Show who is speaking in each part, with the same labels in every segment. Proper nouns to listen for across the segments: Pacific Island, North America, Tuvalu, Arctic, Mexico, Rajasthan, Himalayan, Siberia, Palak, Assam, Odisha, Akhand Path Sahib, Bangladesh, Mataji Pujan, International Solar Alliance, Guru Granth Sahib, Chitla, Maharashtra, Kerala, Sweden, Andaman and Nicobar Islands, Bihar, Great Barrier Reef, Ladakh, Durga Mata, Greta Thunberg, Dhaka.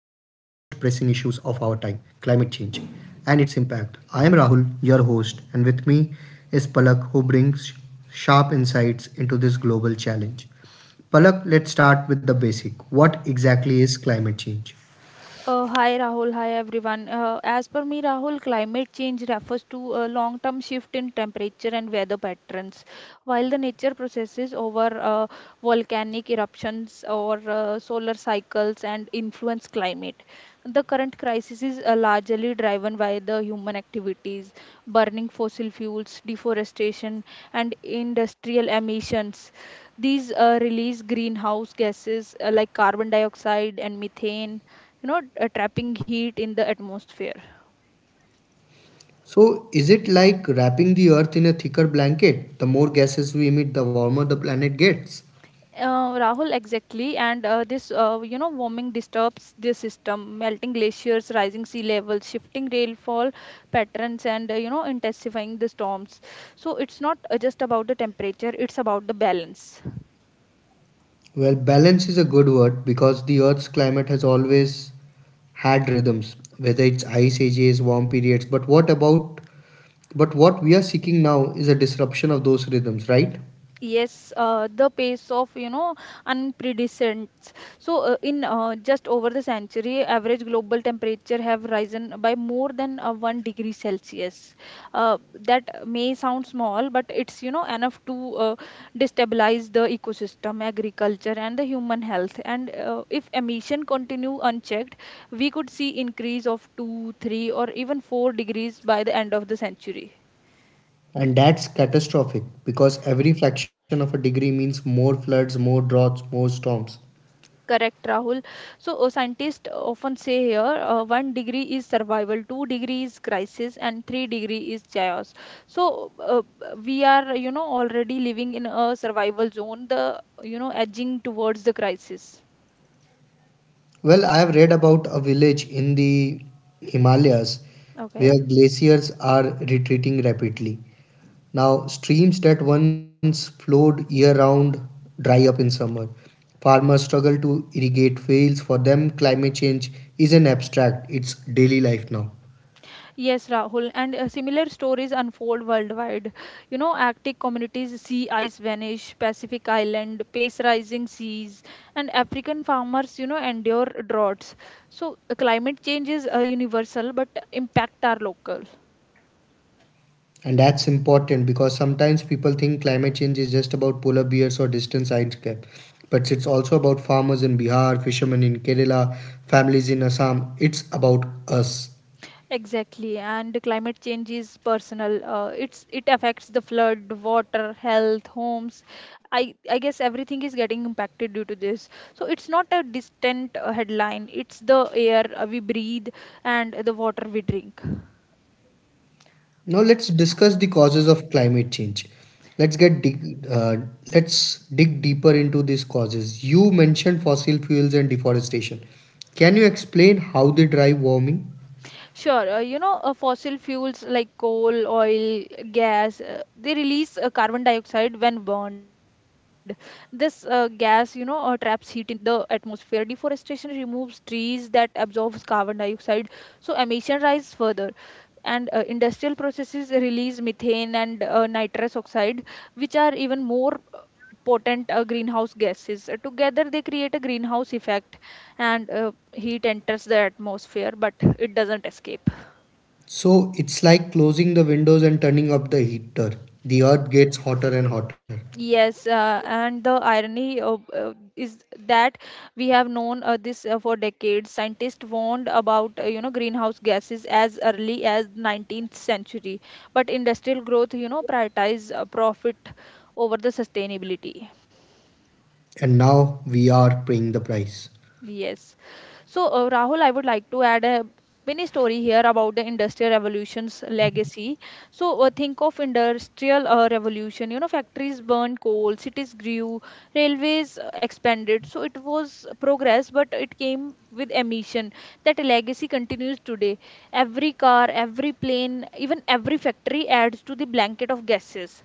Speaker 1: issues of our time, climate change and its impact. I am Rahul, your host, and with me is Palak, who brings sharp insights into this global challenge. Palak, let's start with the basic. What exactly is climate change?
Speaker 2: Hi Rahul, hi everyone. As per me, Rahul, climate change refers to a long term shift in temperature and weather patterns. While the nature processes over volcanic eruptions or solar cycles and influence climate, the current crisis is largely driven by the human activities, burning fossil fuels, deforestation, and industrial emissions. These release greenhouse gases like carbon dioxide and methane, trapping heat in the atmosphere.
Speaker 1: So, is it like wrapping the earth in a thicker blanket? The more gases we emit, the warmer the planet gets.
Speaker 2: Rahul, exactly, and this, warming disturbs the system, melting glaciers, rising sea levels, shifting rainfall patterns, and intensifying the storms. So it's not just about the temperature, it's about the balance.
Speaker 1: Well, balance is a good word because the Earth's climate has always had rhythms, whether it's ice ages, warm periods. But what about, but what we are seeking now is a disruption of those rhythms, right?
Speaker 2: Yes, the pace of unprecedented. So in just over the century, average global temperature have risen by more than one degree Celsius. Uh, that may sound small, but it's enough to destabilize the ecosystem, agriculture, and the human health. And if emission continue unchecked, we could see increase of two, three, or even four degrees by the end of the century.
Speaker 1: And that's catastrophic because every fraction of a degree means more floods, more droughts, more storms.
Speaker 2: Correct, Rahul. So, scientists often say here one degree is survival, two degree is crisis, and three degree is chaos. So, we are, already living in a survival zone, the, edging towards the crisis.
Speaker 1: Well, I have read about a village in the Himalayas
Speaker 2: Okay.
Speaker 1: where glaciers are retreating rapidly. Now, streams that once flowed year round dry up in summer. Farmers struggle to irrigate fields. For them, climate change isn't abstract, it's daily life now.
Speaker 2: Yes, Rahul, and similar stories unfold worldwide. You know, Arctic communities see ice vanish, Pacific Island, pace rising seas, and African farmers, endure droughts. So, climate change is universal, but impact are local.
Speaker 1: And that's important because sometimes people think climate change is just about polar bears or distant science. But it's also about farmers in Bihar, fishermen in Kerala, families in Assam. It's about us.
Speaker 2: Exactly, and climate change is personal. It affects the flood, water, health, homes. I guess everything is getting impacted due to this. So it's not a distant headline. It's the air we breathe and the water we drink.
Speaker 1: Now let's discuss the causes of climate change. Let's get dig, uh, let's dig deeper into these causes. You mentioned fossil fuels and deforestation. Can you explain how they drive warming?
Speaker 2: Sure, fossil fuels like coal, oil, gas, they release carbon dioxide when burned. This gas, traps heat in the atmosphere. Deforestation removes trees that absorbs carbon dioxide, so emission rise further. And industrial processes release methane and nitrous oxide, which are even more potent greenhouse gases. Together, they create a greenhouse effect, and heat enters the atmosphere, but it doesn't escape.
Speaker 1: So it's like closing the windows and turning up the heater. The earth gets hotter and hotter.
Speaker 2: Yes, and the irony of is that we have known this for decades. Scientists warned about greenhouse gases as early as 19th century, but industrial growth prioritize profit over the sustainability.
Speaker 1: And now we are paying the price.
Speaker 2: Yes. So, Rahul, I would like to add a mini story here about the Industrial Revolution's legacy. So, think of Industrial Revolution. You know, factories burned coal, cities grew, railways expanded. So, it was progress, but it came with emission. That legacy continues today. Every car, every plane, even every factory adds to the blanket of gases.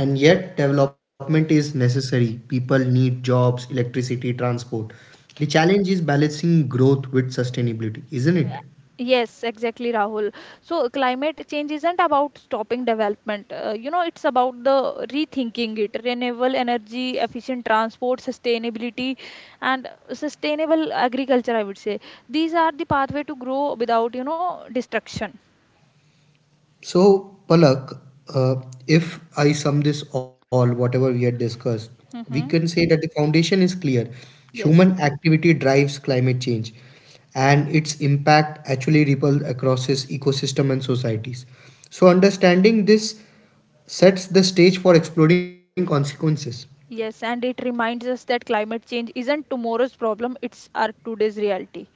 Speaker 1: And yet, development is necessary. People need jobs, electricity, transport. The challenge is balancing growth with sustainability, isn't it?
Speaker 2: Yes, exactly, Rahul. So climate change isn't about stopping development. It's about the rethinking it, renewable energy, efficient transport, sustainability, and sustainable agriculture. I would say these are the pathway to grow without destruction.
Speaker 1: So, Palak, uh, if I sum this all, whatever we had discussed, we can
Speaker 2: Mm-hmm.
Speaker 1: say that the foundation is clear. Human
Speaker 2: Yes,
Speaker 1: activity drives climate change, and its impact actually ripples across its ecosystem and societies. So, understanding this sets the stage for exploring consequences.
Speaker 2: yes, and it reminds us that climate change isn't tomorrow's problem; it's our today's reality.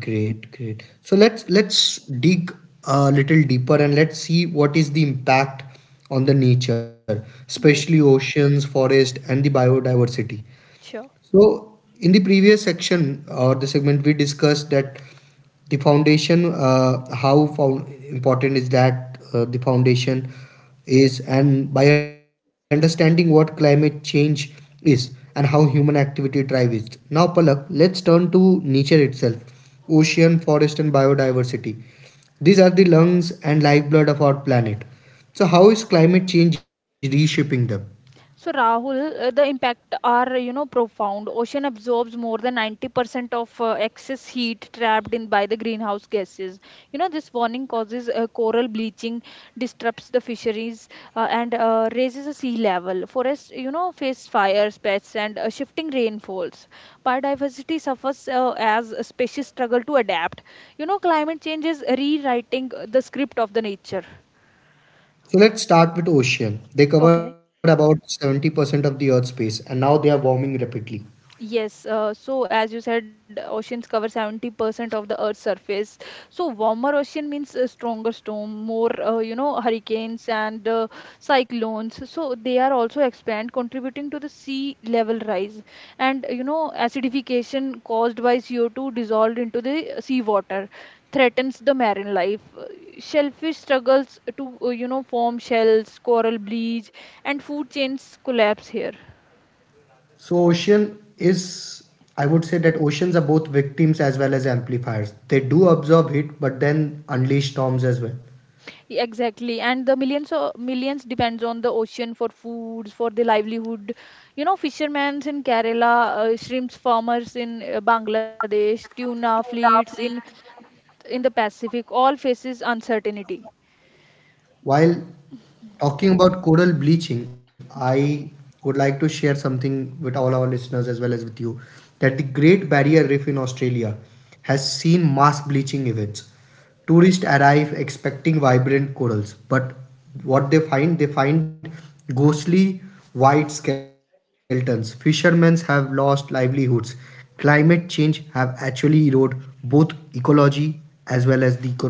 Speaker 1: Great, great. So let's dig a little deeper and let's see what is the impact on the nature, especially
Speaker 2: Yes,
Speaker 1: oceans, forest, and the biodiversity.
Speaker 2: sure.
Speaker 1: So, in the previous section or the segment, we discussed that the foundation, important is that the foundation is, and by understanding what climate change is and how human activity drives it. Now, Palak, let's turn to nature itself, ocean, forest, and biodiversity. These are the lungs and lifeblood of our planet. So, how is climate change reshaping them?
Speaker 2: So Rahul, the impact are profound. Ocean absorbs more than 90% of excess heat trapped in by the greenhouse gases. You know this warning causes coral bleaching, disrupts the fisheries, and raises the sea level. Forests face fires, pests, and shifting rainfalls. Biodiversity suffers as species struggle to adapt. You know climate change is rewriting the script of the nature.
Speaker 1: So let's start with ocean. They cover
Speaker 2: Okay.
Speaker 1: about 70% of the Earth's space and now they are warming rapidly.
Speaker 2: Yes, so as you said, oceans cover 70% of the Earth's surface. So warmer ocean means a stronger storm, more, hurricanes and cyclones. So they are also expand, contributing to the sea level rise. And, you know, acidification caused by CO2 dissolved into the seawater threatens the marine life. Shellfish struggles to, form shells, coral bleach, and food chains collapse here.
Speaker 1: So ocean is, I would say that oceans are both victims as well as amplifiers. They do absorb heat but then unleash storms as well.
Speaker 2: Exactly, and the millions depends on the ocean for foods, for the livelihood. You know, fishermen in Kerala, shrimps farmers in Bangladesh, tuna fleets in the Pacific, all faces uncertainty.
Speaker 1: While talking about coral bleaching, I would like to share something with all our listeners as well as with you that the Great Barrier Reef in Australia has seen mass bleaching events. Tourists arrive expecting vibrant corals, but they find ghostly white skeletons. Fishermen have lost livelihoods. Climate change have actually eroded both ecology as well as the economy.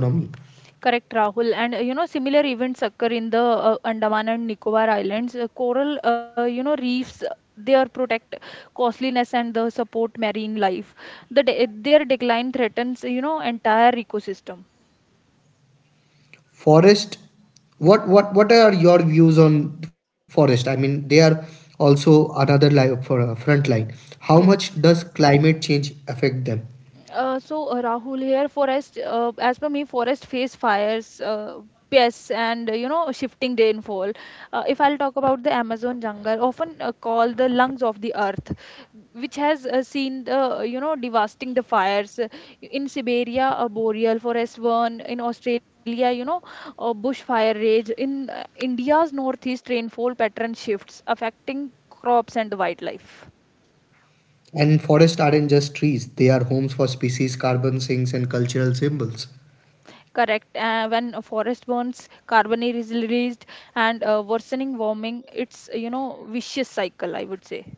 Speaker 2: Correct, Rahul. And similar events occur in the Andaman and Nicobar Islands. Coral, reefs. They are protect costliness and the support marine life. Their decline threatens, entire ecosystem.
Speaker 1: Forest, what are your views on forest? I mean, they are also another li- for front line. How
Speaker 2: Yes.
Speaker 1: much does climate change affect them?
Speaker 2: Rahul here, forest as per me, forest face fires, pests, and shifting rainfall. If I'll talk about the Amazon jungle, often called the lungs of the earth, which has seen the devastating the fires. In Siberia, a boreal forest burn in Australia, you know, a bushfire rage in India's northeast rainfall pattern shifts affecting crops and the wildlife.
Speaker 1: And forests aren't just trees; they are homes for species, carbon sinks, and cultural symbols.
Speaker 2: Correct. When a forest burns, carbon is released, and worsening warming, it's vicious cycle. I would say.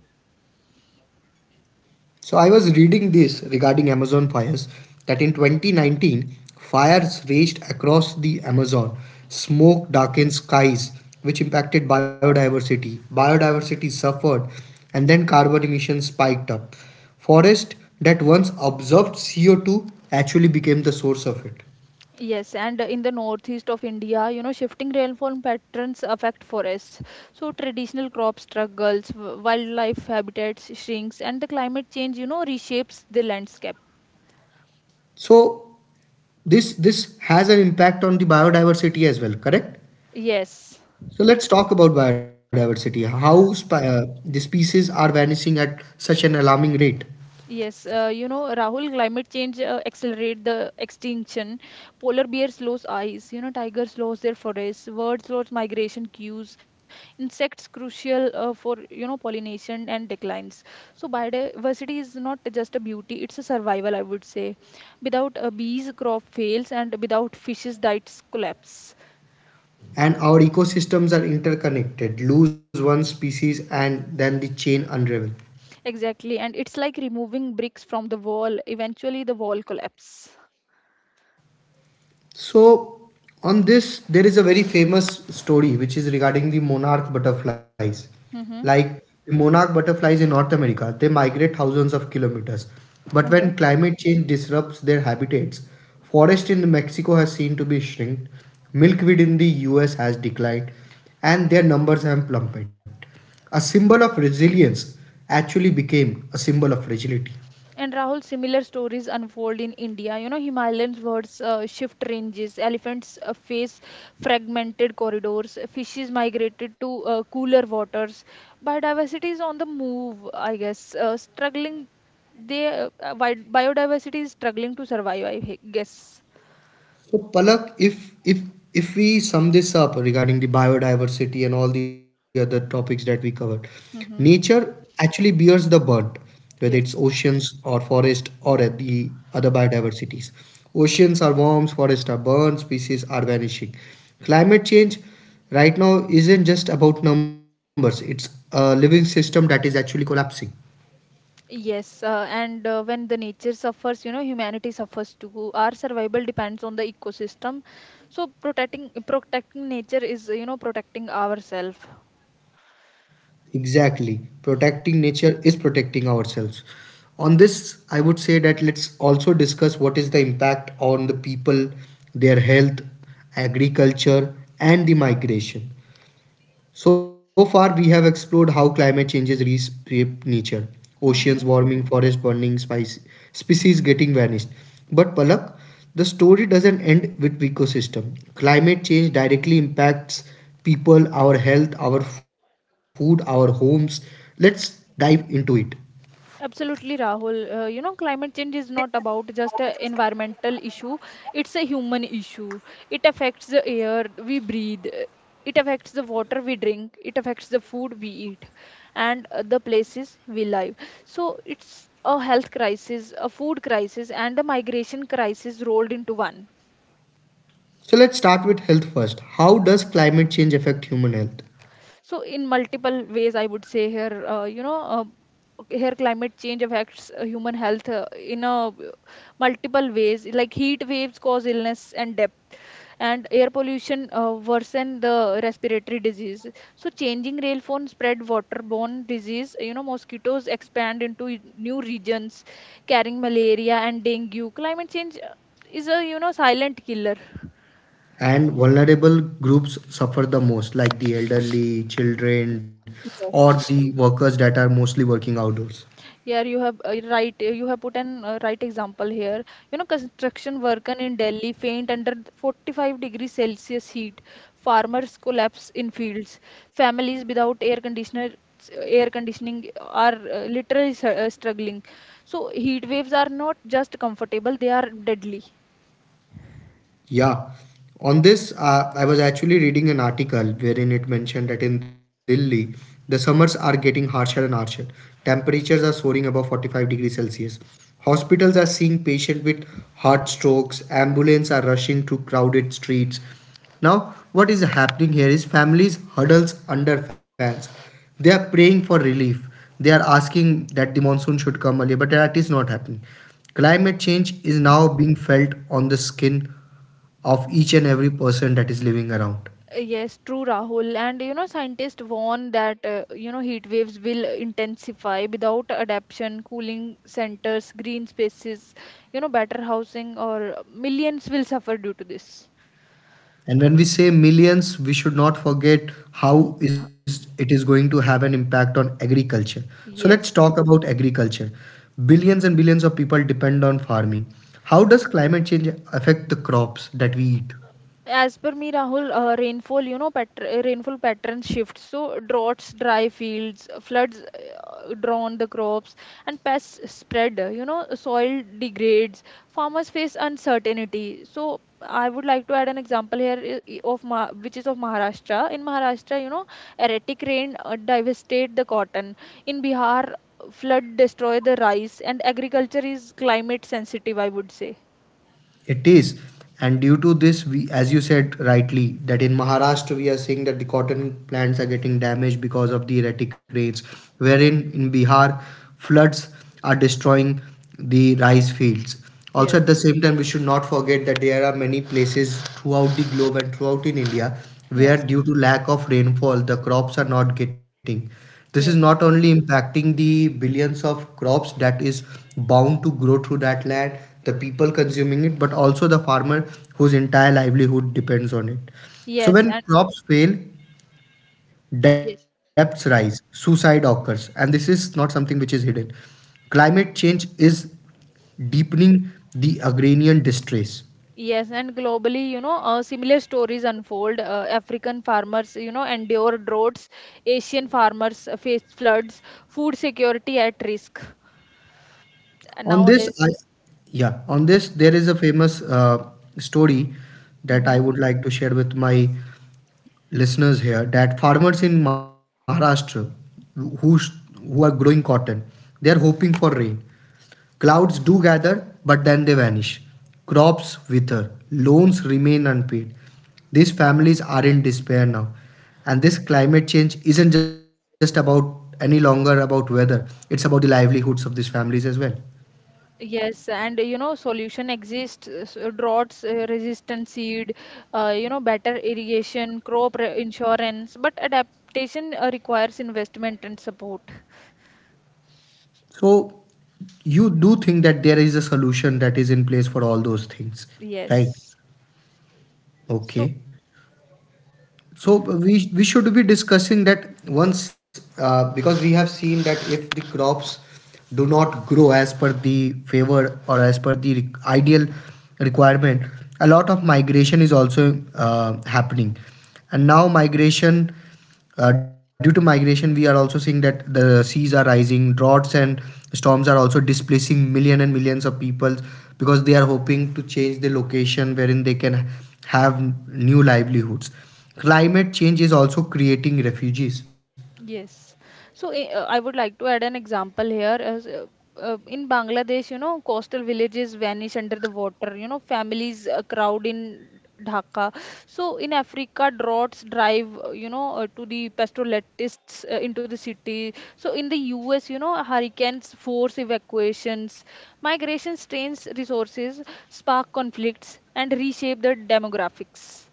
Speaker 1: So I was reading this regarding Amazon fires that in 2019 fires raged across the Amazon. Smoke darkened skies which impacted biodiversity. Biodiversity suffered and then carbon emissions spiked up. Forest that once absorbed CO2 actually became the source of it.
Speaker 2: Yes, and in the northeast of India, you know, shifting rainfall patterns affect forests. So traditional crop struggles, wildlife habitats shrinks, and the climate change, reshapes the landscape.
Speaker 1: So this has an impact on the biodiversity as well, correct?
Speaker 2: Yes.
Speaker 1: So let's talk about biodiversity. The species are vanishing at such an alarming rate,
Speaker 2: Yes, Rahul, climate change accelerate the extinction. Polar bears lose eyes, you know, tigers lose their forests, birds lose migration cues, insects crucial for pollination and declines. So biodiversity is not just a beauty, it's a survival, I would say. Without bees, crop fails, and without fishes, diets collapse.
Speaker 1: and our ecosystems are interconnected. Lose one species, and then the chain unravel.
Speaker 2: Exactly, and it's like removing bricks from the wall. Eventually, the wall collapse.
Speaker 1: So, on this, there is a very famous story which is regarding the monarch butterflies.
Speaker 2: Mm-hmm.
Speaker 1: Like the monarch butterflies in North America, they migrate thousands of kilometers. But when climate change disrupts their habitats, forest in Mexico has seen to be shrink, milkweed in the US has declined, and their numbers have plummeted. A symbol of resilience actually became a symbol of fragility.
Speaker 2: And Rahul, similar stories unfold in India. You know, Himalayan birds shift ranges, elephants face fragmented corridors, fishes migrated to cooler waters. Biodiversity is on the move, I guess. Biodiversity is struggling to survive, I guess.
Speaker 1: So Palak, if we sum this up regarding the biodiversity and all the other topics that we covered, nature
Speaker 2: Mm-hmm.
Speaker 1: actually bears the burnt, whether it's
Speaker 2: Yes.
Speaker 1: oceans or forest or at the other biodiversities. Oceans are warms, forests are burnt, species are vanishing. Climate change right now isn't just about numbers; it's a living system that is actually collapsing.
Speaker 2: Yes, and when the nature suffers, you know, humanity suffers too. Our survival depends on the ecosystem. So protecting nature is, protecting ourselves.
Speaker 1: Exactly. Protecting nature is protecting ourselves. On this, I would say that let's also discuss what is the impact on the people, their health, agriculture, and the migration. So far, we have explored how climate changes reshape nature, oceans warming, forest burning, species getting vanished. But Palak, the story doesn't end with ecosystem. Climate change directly impacts people, our health, our food, our homes. Let's dive into it.
Speaker 2: Absolutely, Rahul. Climate change is not about just an environmental issue, it's a human issue. It affects the air we breathe, it affects the water we drink, it affects the food we eat, and the places we live. So, it's a health crisis, a food crisis, and a migration crisis rolled into one.
Speaker 1: So let's start with health first. How does climate change affect human health?
Speaker 2: So in multiple ways, I would say here, okay, here climate change affects human health in a multiple ways. Like heat waves cause illness and death, and air pollution worsen the respiratory disease. So changing rainfall spread waterborne disease. You know, mosquitoes expand into new regions, carrying malaria and dengue. Climate change is a silent killer.
Speaker 1: And vulnerable groups suffer the most, like the elderly children or the workers that are mostly working outdoors.
Speaker 2: Yeah, you have right. You have put an right example here. You know, construction worker in Delhi faint under 45-degree Celsius heat. Farmers collapse in fields. Families without air conditioner, Air conditioning are literally struggling. So heat waves are not just comfortable; they are deadly.
Speaker 1: Yeah. On this, I was actually reading an article wherein it mentioned that in Delhi, the summers are getting harsher and harsher. Temperatures are soaring above 45 degrees Celsius. Hospitals are seeing patients with heart strokes. Ambulances are rushing to crowded streets. Now, what is happening here is families huddles under fans. They are praying for relief. They are asking that the monsoon should come earlier, but that is not happening. Climate change is now being felt on the skin of each and every person that is living around.
Speaker 2: Yes, true, Rahul. And you know, scientists warn that heat waves will intensify without adaptation, cooling centers, green spaces, better housing, or millions will suffer due to this.
Speaker 1: And when we say millions, we should not forget how is it is going to have an impact on agriculture. So let's
Speaker 2: Yes.
Speaker 1: talk about agriculture. Billions and billions of people depend on farming. How does climate change affect the crops that we eat?
Speaker 2: As per me, Rahul, rainfall patterns shift. So droughts, dry fields, floods drown the crops, and pests spread. You know, soil degrades. Farmers face uncertainty. So I would like to add an example here, which is of Maharashtra. In Maharashtra, you know, erratic rain devastate the cotton. In Bihar, flood destroy the rice, and agriculture is climate sensitive. I would say.
Speaker 1: It is. And due to this, we, as you said rightly, that in Maharashtra we are seeing that the cotton plants are getting damaged because of the erratic rains, wherein in Bihar, floods are destroying the rice fields. Also,
Speaker 2: Yes,
Speaker 1: at the same time, we should not forget that there are many places throughout the globe and throughout in India where,
Speaker 2: yes,
Speaker 1: due to lack of rainfall, the crops are not getting. This is not
Speaker 2: yes.
Speaker 1: only impacting the billions of crops that is bound to grow through that land, the people consuming it, but also the farmer whose entire livelihood depends on it. So
Speaker 2: Yes,
Speaker 1: when
Speaker 2: and
Speaker 1: crops fail, debts
Speaker 2: Yes.
Speaker 1: rise, suicide occurs, and this is not something which is hidden. Climate change is deepening the agrarian distress.
Speaker 2: Yes, and globally, similar stories unfold. African farmers, endure droughts. Asian farmers face floods. Food security at risk.
Speaker 1: On this,
Speaker 2: Nowadays,
Speaker 1: yeah, on this there is a famous story that I
Speaker 2: hmm.
Speaker 1: would like to share with my listeners here, that farmers in Maharashtra who are growing cotton, they are hoping for rain. Clouds do gather, but then they vanish. Crops wither, loans remain unpaid. These families are in despair now, and this climate change isn't just about any longer about weather. It's about the livelihoods of these families as well.
Speaker 2: Yes, and you know, solution exists. Droughts, resistant seed, better irrigation, crop insurance, but adaptation requires investment and support.
Speaker 1: So you do think that there is a solution that is in place for all those things, right?
Speaker 2: Yes. So,
Speaker 1: Okay. So we should be discussing that once, because we have seen that if the crops do not grow as per the favor or as per the ideal requirement, a lot of migration is also happening, and now migration, due to migration, we are also seeing that the seas are rising, droughts and storms are also displacing million and millions of people because they are hoping to change the location wherein they can have new livelihoods. Climate change is also creating refugees,
Speaker 2: yes. So I would like to add an example here. In Bangladesh, you know, coastal villages vanish under the water. You know, families crowd in Dhaka. So in Africa, droughts drive, to the pastoralists into the city. So in the US, you know, hurricanes force evacuations, migration strains resources, spark conflicts, and reshape the demographics.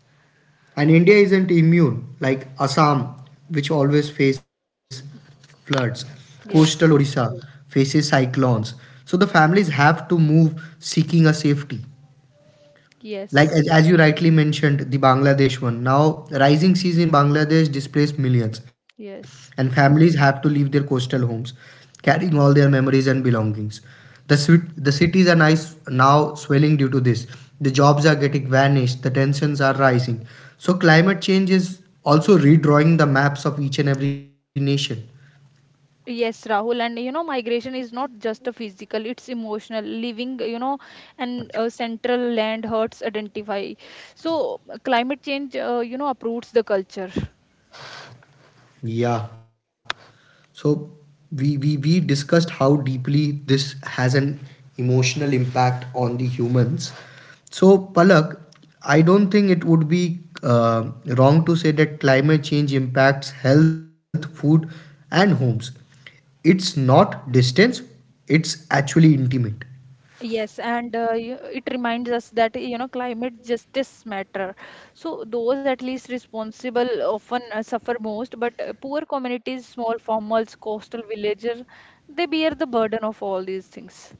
Speaker 1: and India isn't immune. Like Assam, which always face floods, coastal
Speaker 2: Yes.
Speaker 1: Odisha faces cyclones. So the families have to move seeking a safety. Like,
Speaker 2: Yes.
Speaker 1: as you rightly mentioned, the Bangladesh one. Now, rising seas in Bangladesh displaced millions, and
Speaker 2: Yes.
Speaker 1: families have to leave their coastal homes, carrying all their memories and belongings. The cities are nice now swelling due to this. The jobs are getting vanished. The tensions are rising. So climate change is also redrawing the maps of each and every nation.
Speaker 2: Yes, Rahul, and you know, migration is not just a physical, it's emotional. Leaving, you know, and central land hurts identify. So, climate change uproots the culture.
Speaker 1: Yeah. So we discussed how deeply this has an emotional impact on the humans. So Palak, I don't think it would be wrong to say that climate change impacts health, food, and homes. It's not distance; it's actually intimate,
Speaker 2: Yes, and it reminds us that, climate justice matter. So, those at least responsible often suffer most, but poor communities, small farmers, coastal villagers, they bear the burden of all these things.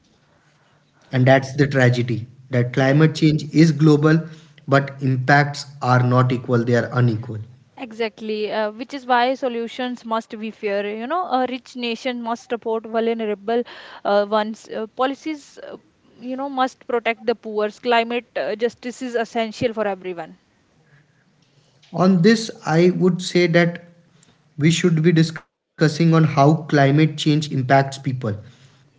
Speaker 1: and that's the tragedy. That
Speaker 2: Yes.
Speaker 1: climate change is global, but impacts are not equal; they are unequal.
Speaker 2: Exactly, which is why solutions must be fair. A rich nation must support vulnerable ones. Policies, must protect the poor. Climate justice is essential for everyone.
Speaker 1: On this, I would say that we should be discussing on how climate change impacts people,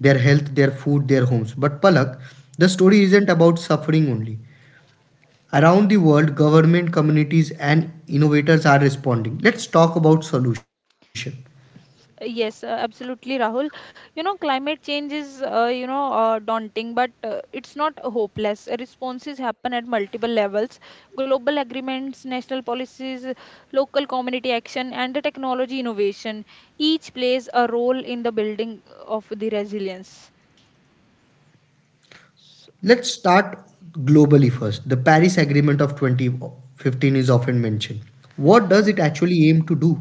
Speaker 1: their health, their food, their homes. But Palak, the story isn't about suffering only. Around the world, government, communities, and innovators are responding. Let's talk about solution.
Speaker 2: Yes, absolutely, Rahul. Climate change is, daunting, but it's not hopeless. Responses happen at multiple levels: global agreements, national policies, local community action, and the technology innovation. Each plays a role in the building of the resilience.
Speaker 1: Let's start globally first. The Paris Agreement of 2015 is often mentioned. What does
Speaker 2: hmm
Speaker 1: it actually aim to do?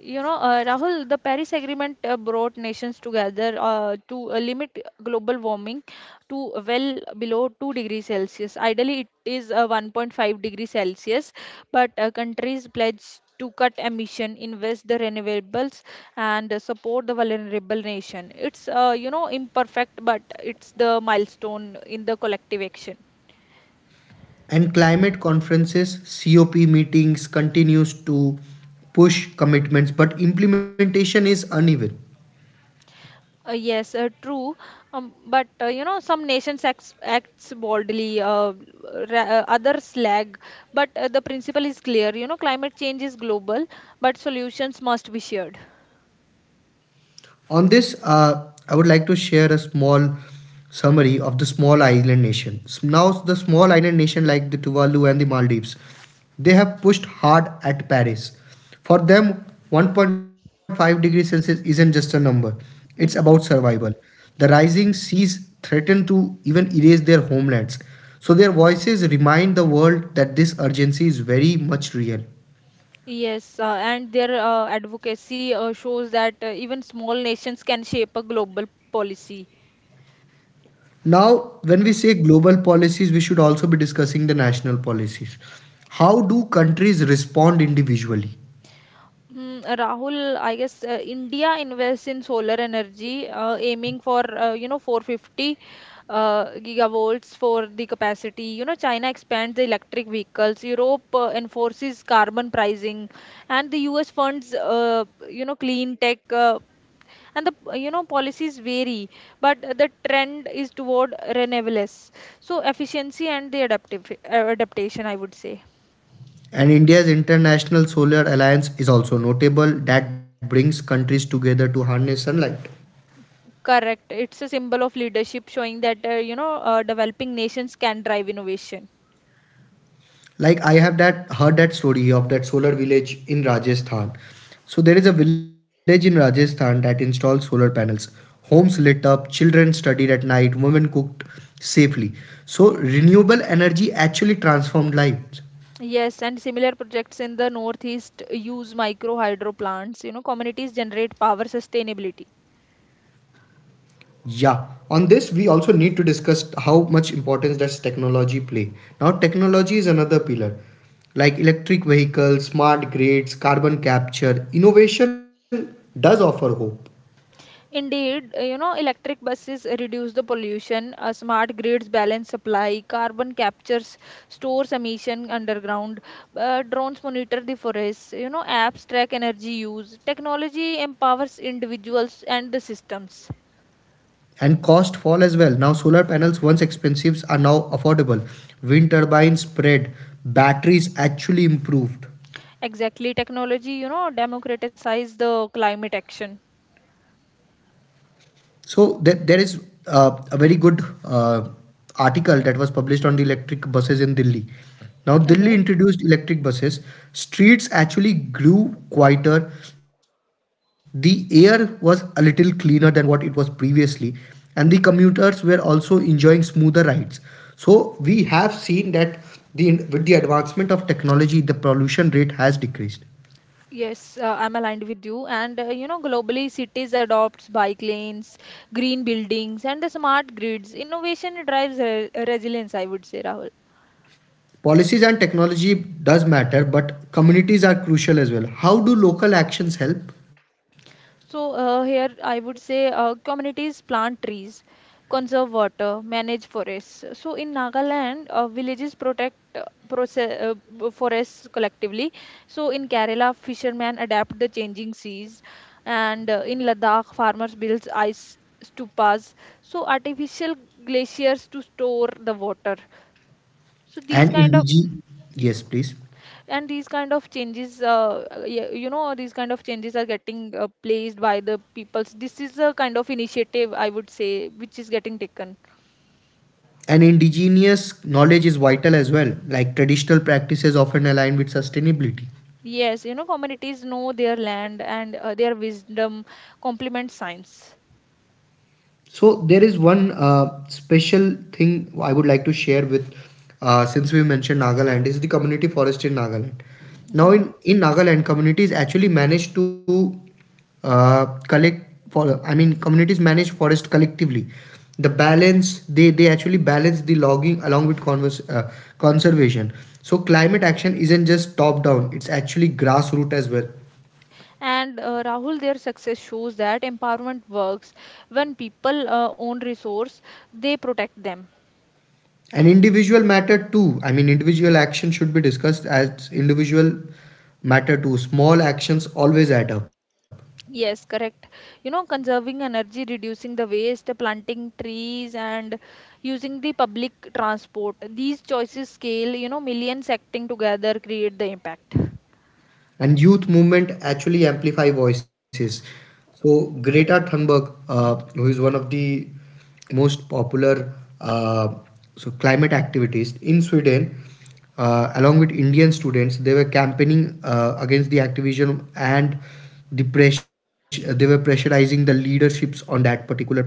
Speaker 2: Rahul, the Paris Agreement brought nations together to limit global warming to well below 2 degrees Celsius. Ideally, it is 1.5 degrees Celsius, but countries pledge to cut emission, invest the renewables, and support the vulnerable nation. It's imperfect, but it's the milestone in the collective action.
Speaker 1: And climate conferences, cop meetings continues to push commitments, but implementation is uneven.
Speaker 2: Yes, true. But some nations acts boldly, others lag. But the principle is clear. Climate change is global, but solutions must be shared.
Speaker 1: On this, I would like to share a small summary of the small island nation. Now, the small island nation like the Tuvalu and the Maldives, they have pushed hard at Paris. For them, 1.5 degrees Celsius isn't just a number, it's about
Speaker 2: Hmm.
Speaker 1: survival. The rising seas threaten to even erase their homelands. So, their voices remind the world that this urgency is very much real.
Speaker 2: Yes, and their advocacy shows that even small nations can shape a global policy.
Speaker 1: Now, when we say global policies, we should also be discussing the national policies. How do countries respond individually?
Speaker 2: Mm, Rahul, I guess India invests in solar energy, aiming for 450 gigawatts for the capacity. China expands the electric vehicles. Europe enforces carbon pricing, and the U.S. funds clean tech. And the policies vary, but the trend is toward renewables. So efficiency and the adaptive adaptation, I would say.
Speaker 1: And India's International Solar Alliance is also notable that brings countries together to harness sunlight.
Speaker 2: Correct. It's a symbol of leadership showing that, developing nations can drive innovation.
Speaker 1: Like I have that heard that story of that solar village in Rajasthan. So there is a village in Rajasthan that installs solar panels. Homes lit up, children studied at night, women cooked safely. So renewable energy actually transformed lives.
Speaker 2: Yes, and similar projects in the Northeast use micro hydro plants. Communities generate power sustainability.
Speaker 1: Yeah, on this we also need to discuss how much importance does technology play. Now technology is another pillar like electric vehicles, smart grids, carbon capture. Innovation does offer hope,
Speaker 2: Indeed, electric buses reduce the pollution, smart grids balance supply, carbon captures, stores emission underground, drones monitor the forests, apps track energy use. Technology empowers individuals and the systems.
Speaker 1: and cost fall as well. Now solar panels once expensive are now affordable. Wind turbines spread, batteries actually improved.
Speaker 2: Exactly. Technology, democratize the climate action.
Speaker 1: So there is a very good article that was published on the electric buses in Delhi. Now Delhi
Speaker 2: Okay.
Speaker 1: introduced electric buses. Streets actually grew quieter. The air was a little cleaner than what it was previously, and the commuters were also enjoying smoother rides. So we have seen that the with the advancement of technology, the pollution rate has decreased.
Speaker 2: Yes, I'm aligned with you. And globally, cities adopts bike lanes, green buildings, and the smart grids. Innovation drives re resilience, I would say, Rahul.
Speaker 1: Policies and technology does matter, but communities are crucial as well. How do local actions help?
Speaker 2: So here I would say communities plant trees, conserve water, manage forests. So in Nagaland, villages protect forests collectively. So in Kerala, fishermen adapt the changing seas, and in Ladakh, farmers build ice stupas. So artificial glaciers to store the water. So these
Speaker 1: And
Speaker 2: kind of
Speaker 1: yes, please.
Speaker 2: and these kind of changes y- you know, these kind of changes are getting placed by the peoples. This is a kind of initiative, I would say, which is getting taken.
Speaker 1: And indigenous knowledge is vital as well. Like traditional practices often align with sustainability.
Speaker 2: Yes, communities know their land, and their wisdom complements science.
Speaker 1: So there is one special thing I would like to share with, since we mentioned Nagaland, is the community forest in Nagaland. Now
Speaker 2: Mhm.
Speaker 1: in Nagaland, communities actually manage to uh, collect for, I mean, communities manage forest collectively. The balance they actually balance the logging along with conservation. So climate action isn't just top down; it's actually grassroots as well.
Speaker 2: And Rahul, their success shows that empowerment works. When people own resource, they protect them.
Speaker 1: An individual matter too. I mean, individual action should be discussed as individual matter too. Small actions always add up.
Speaker 2: Yes, correct. Conserving energy, reducing the waste, planting trees, and using the public transport. These choices scale, millions acting together create the impact.
Speaker 1: And youth movement actually amplify voices. So Greta Thunberg, who is one of the most popular, uh, so climate activists in Sweden, along with Indian students, they were campaigning against the activism, and the pressure, they were pressurizing the leaderships on that particular part.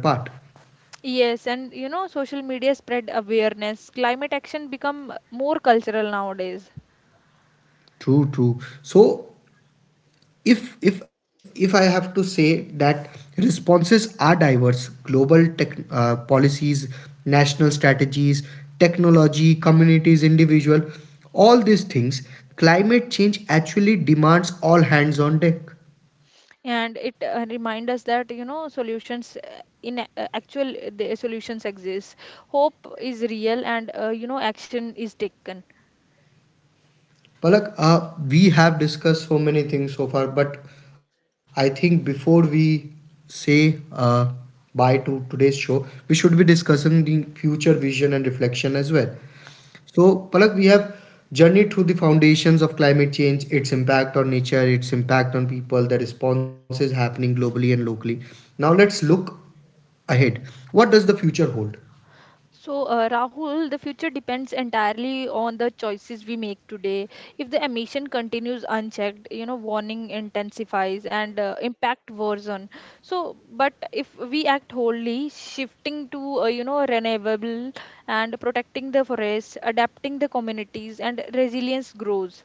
Speaker 2: Yes, and social media spread awareness. Climate action become more cultural nowadays.
Speaker 1: True, true. So if I have to say that responses are diverse, global tech policies, national strategies, technology, communities, individual, all these things, climate change actually demands all hands on deck.
Speaker 2: And it remind us that, solutions actual the solutions exist. Hope is real, and, action is taken.
Speaker 1: Palak, we have discussed so many things so far, but I think before we say bye to today's show, we should be discussing the future vision and reflection as well. So, Palak, we have journeyed through the foundations of climate change, its impact on nature, its impact on people, the responses happening globally and locally. Now, let's look ahead. What does the future hold?
Speaker 2: So, Rahul, the future depends entirely on the choices we make today. If the emission continues unchecked, warning intensifies and impact worsen. But if we act wholly, shifting to, renewable and protecting the forest, adapting the communities, and resilience grows.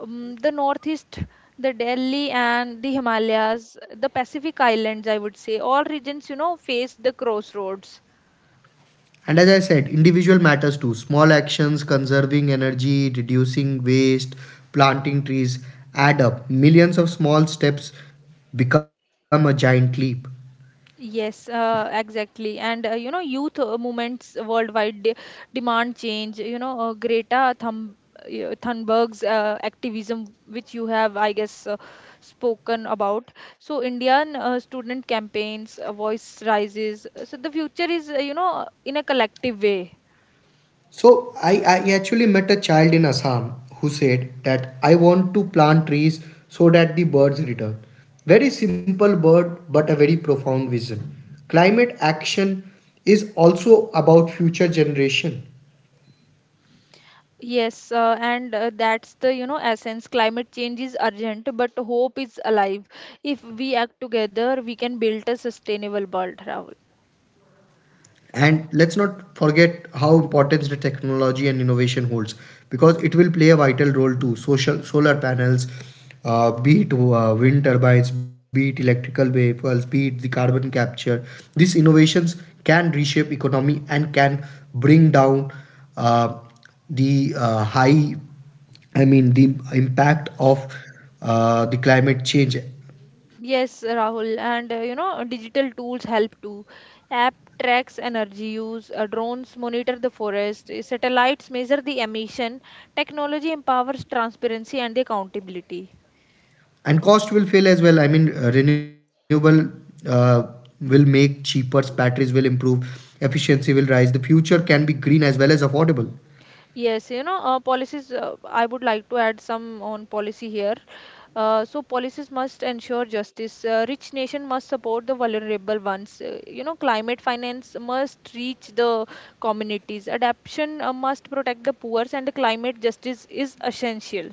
Speaker 2: The Northeast, the Delhi and the Himalayas, the Pacific Islands, I would say, all regions, face the crossroads.
Speaker 1: And as I said, individual matters too. Small actions, conserving energy, reducing waste, planting trees add up. Millions of small steps become a giant leap.
Speaker 2: Yes, exactly. And youth movements worldwide de demand change. Greta Thumb Thunberg's activism, which you have, I guess, spoken about. So, Indian student campaigns, voice rises. So, the future is, in a collective way.
Speaker 1: So I actually met a child in Assam who said that I want to plant trees so that the birds return. Very simple word, but a very profound vision. Climate action is also about future generation.
Speaker 2: Yes, and that's the, essence. Climate change is urgent, but hope is alive. If we act together, we can build a sustainable world, Rahul.
Speaker 1: And let's not forget how important the technology and innovation holds, because it will play a vital role too. Social solar panels, be it wind turbines, be it electrical vehicles, be it the carbon capture, these innovations can reshape economy and can bring down uh, the high, I mean, the impact of the climate change.
Speaker 2: Yes, Rahul, and digital tools help too. App tracks energy use, drones monitor the forest, satellites measure the emission. Technology empowers transparency and the accountability.
Speaker 1: And cost will fail as well. I mean, renewable uh, will make cheaper, batteries will improve, efficiency will rise. The future can be green as well as affordable.
Speaker 2: Yes, policies, I would like to add some on policy here. So policies must ensure justice. Rich nation must support the vulnerable ones. Climate finance must reach the communities. Adaptation must protect the poor, and the climate justice is essential.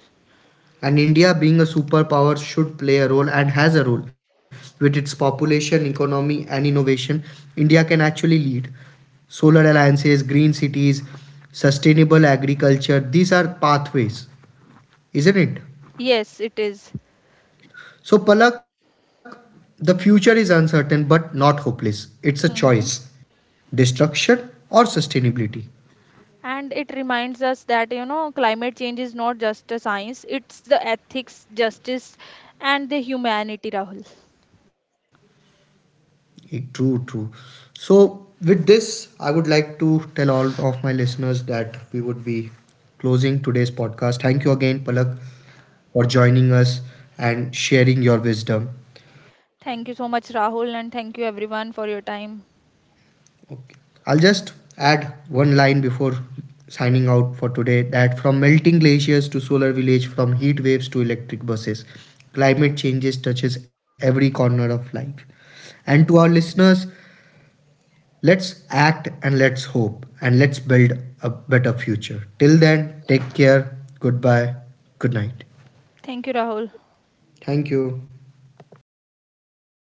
Speaker 1: And India being a superpower should play a role and has a role. With its population, economy, and innovation, India can actually lead. Solar alliances, green cities, sustainable agriculture, these are pathways, isn't it?
Speaker 2: Yes, it is.
Speaker 1: So Palak, the future is uncertain but not hopeless. It's a choice.
Speaker 2: Hmm.
Speaker 1: Destruction or sustainability.
Speaker 2: And it reminds us that, climate change is not just a science, it's the ethics, justice, and the humanity, Rahul.
Speaker 1: Eh, true, true. So with this, I would like to tell all of my listeners that we would be closing today's podcast. Thank you again, Palak, for joining us and sharing your wisdom.
Speaker 2: Thank you so much, Rahul, and thank you everyone for your time.
Speaker 1: I'll just add one line before signing out for today, that from melting glaciers to solar village, from heat waves to electric buses, climate changes touches every corner of life. And to our listeners, let's act, and let's hope, and let's build a better future. Till then, take care. Goodbye. Good night.
Speaker 2: Thank you, Rahul.
Speaker 1: Thank you.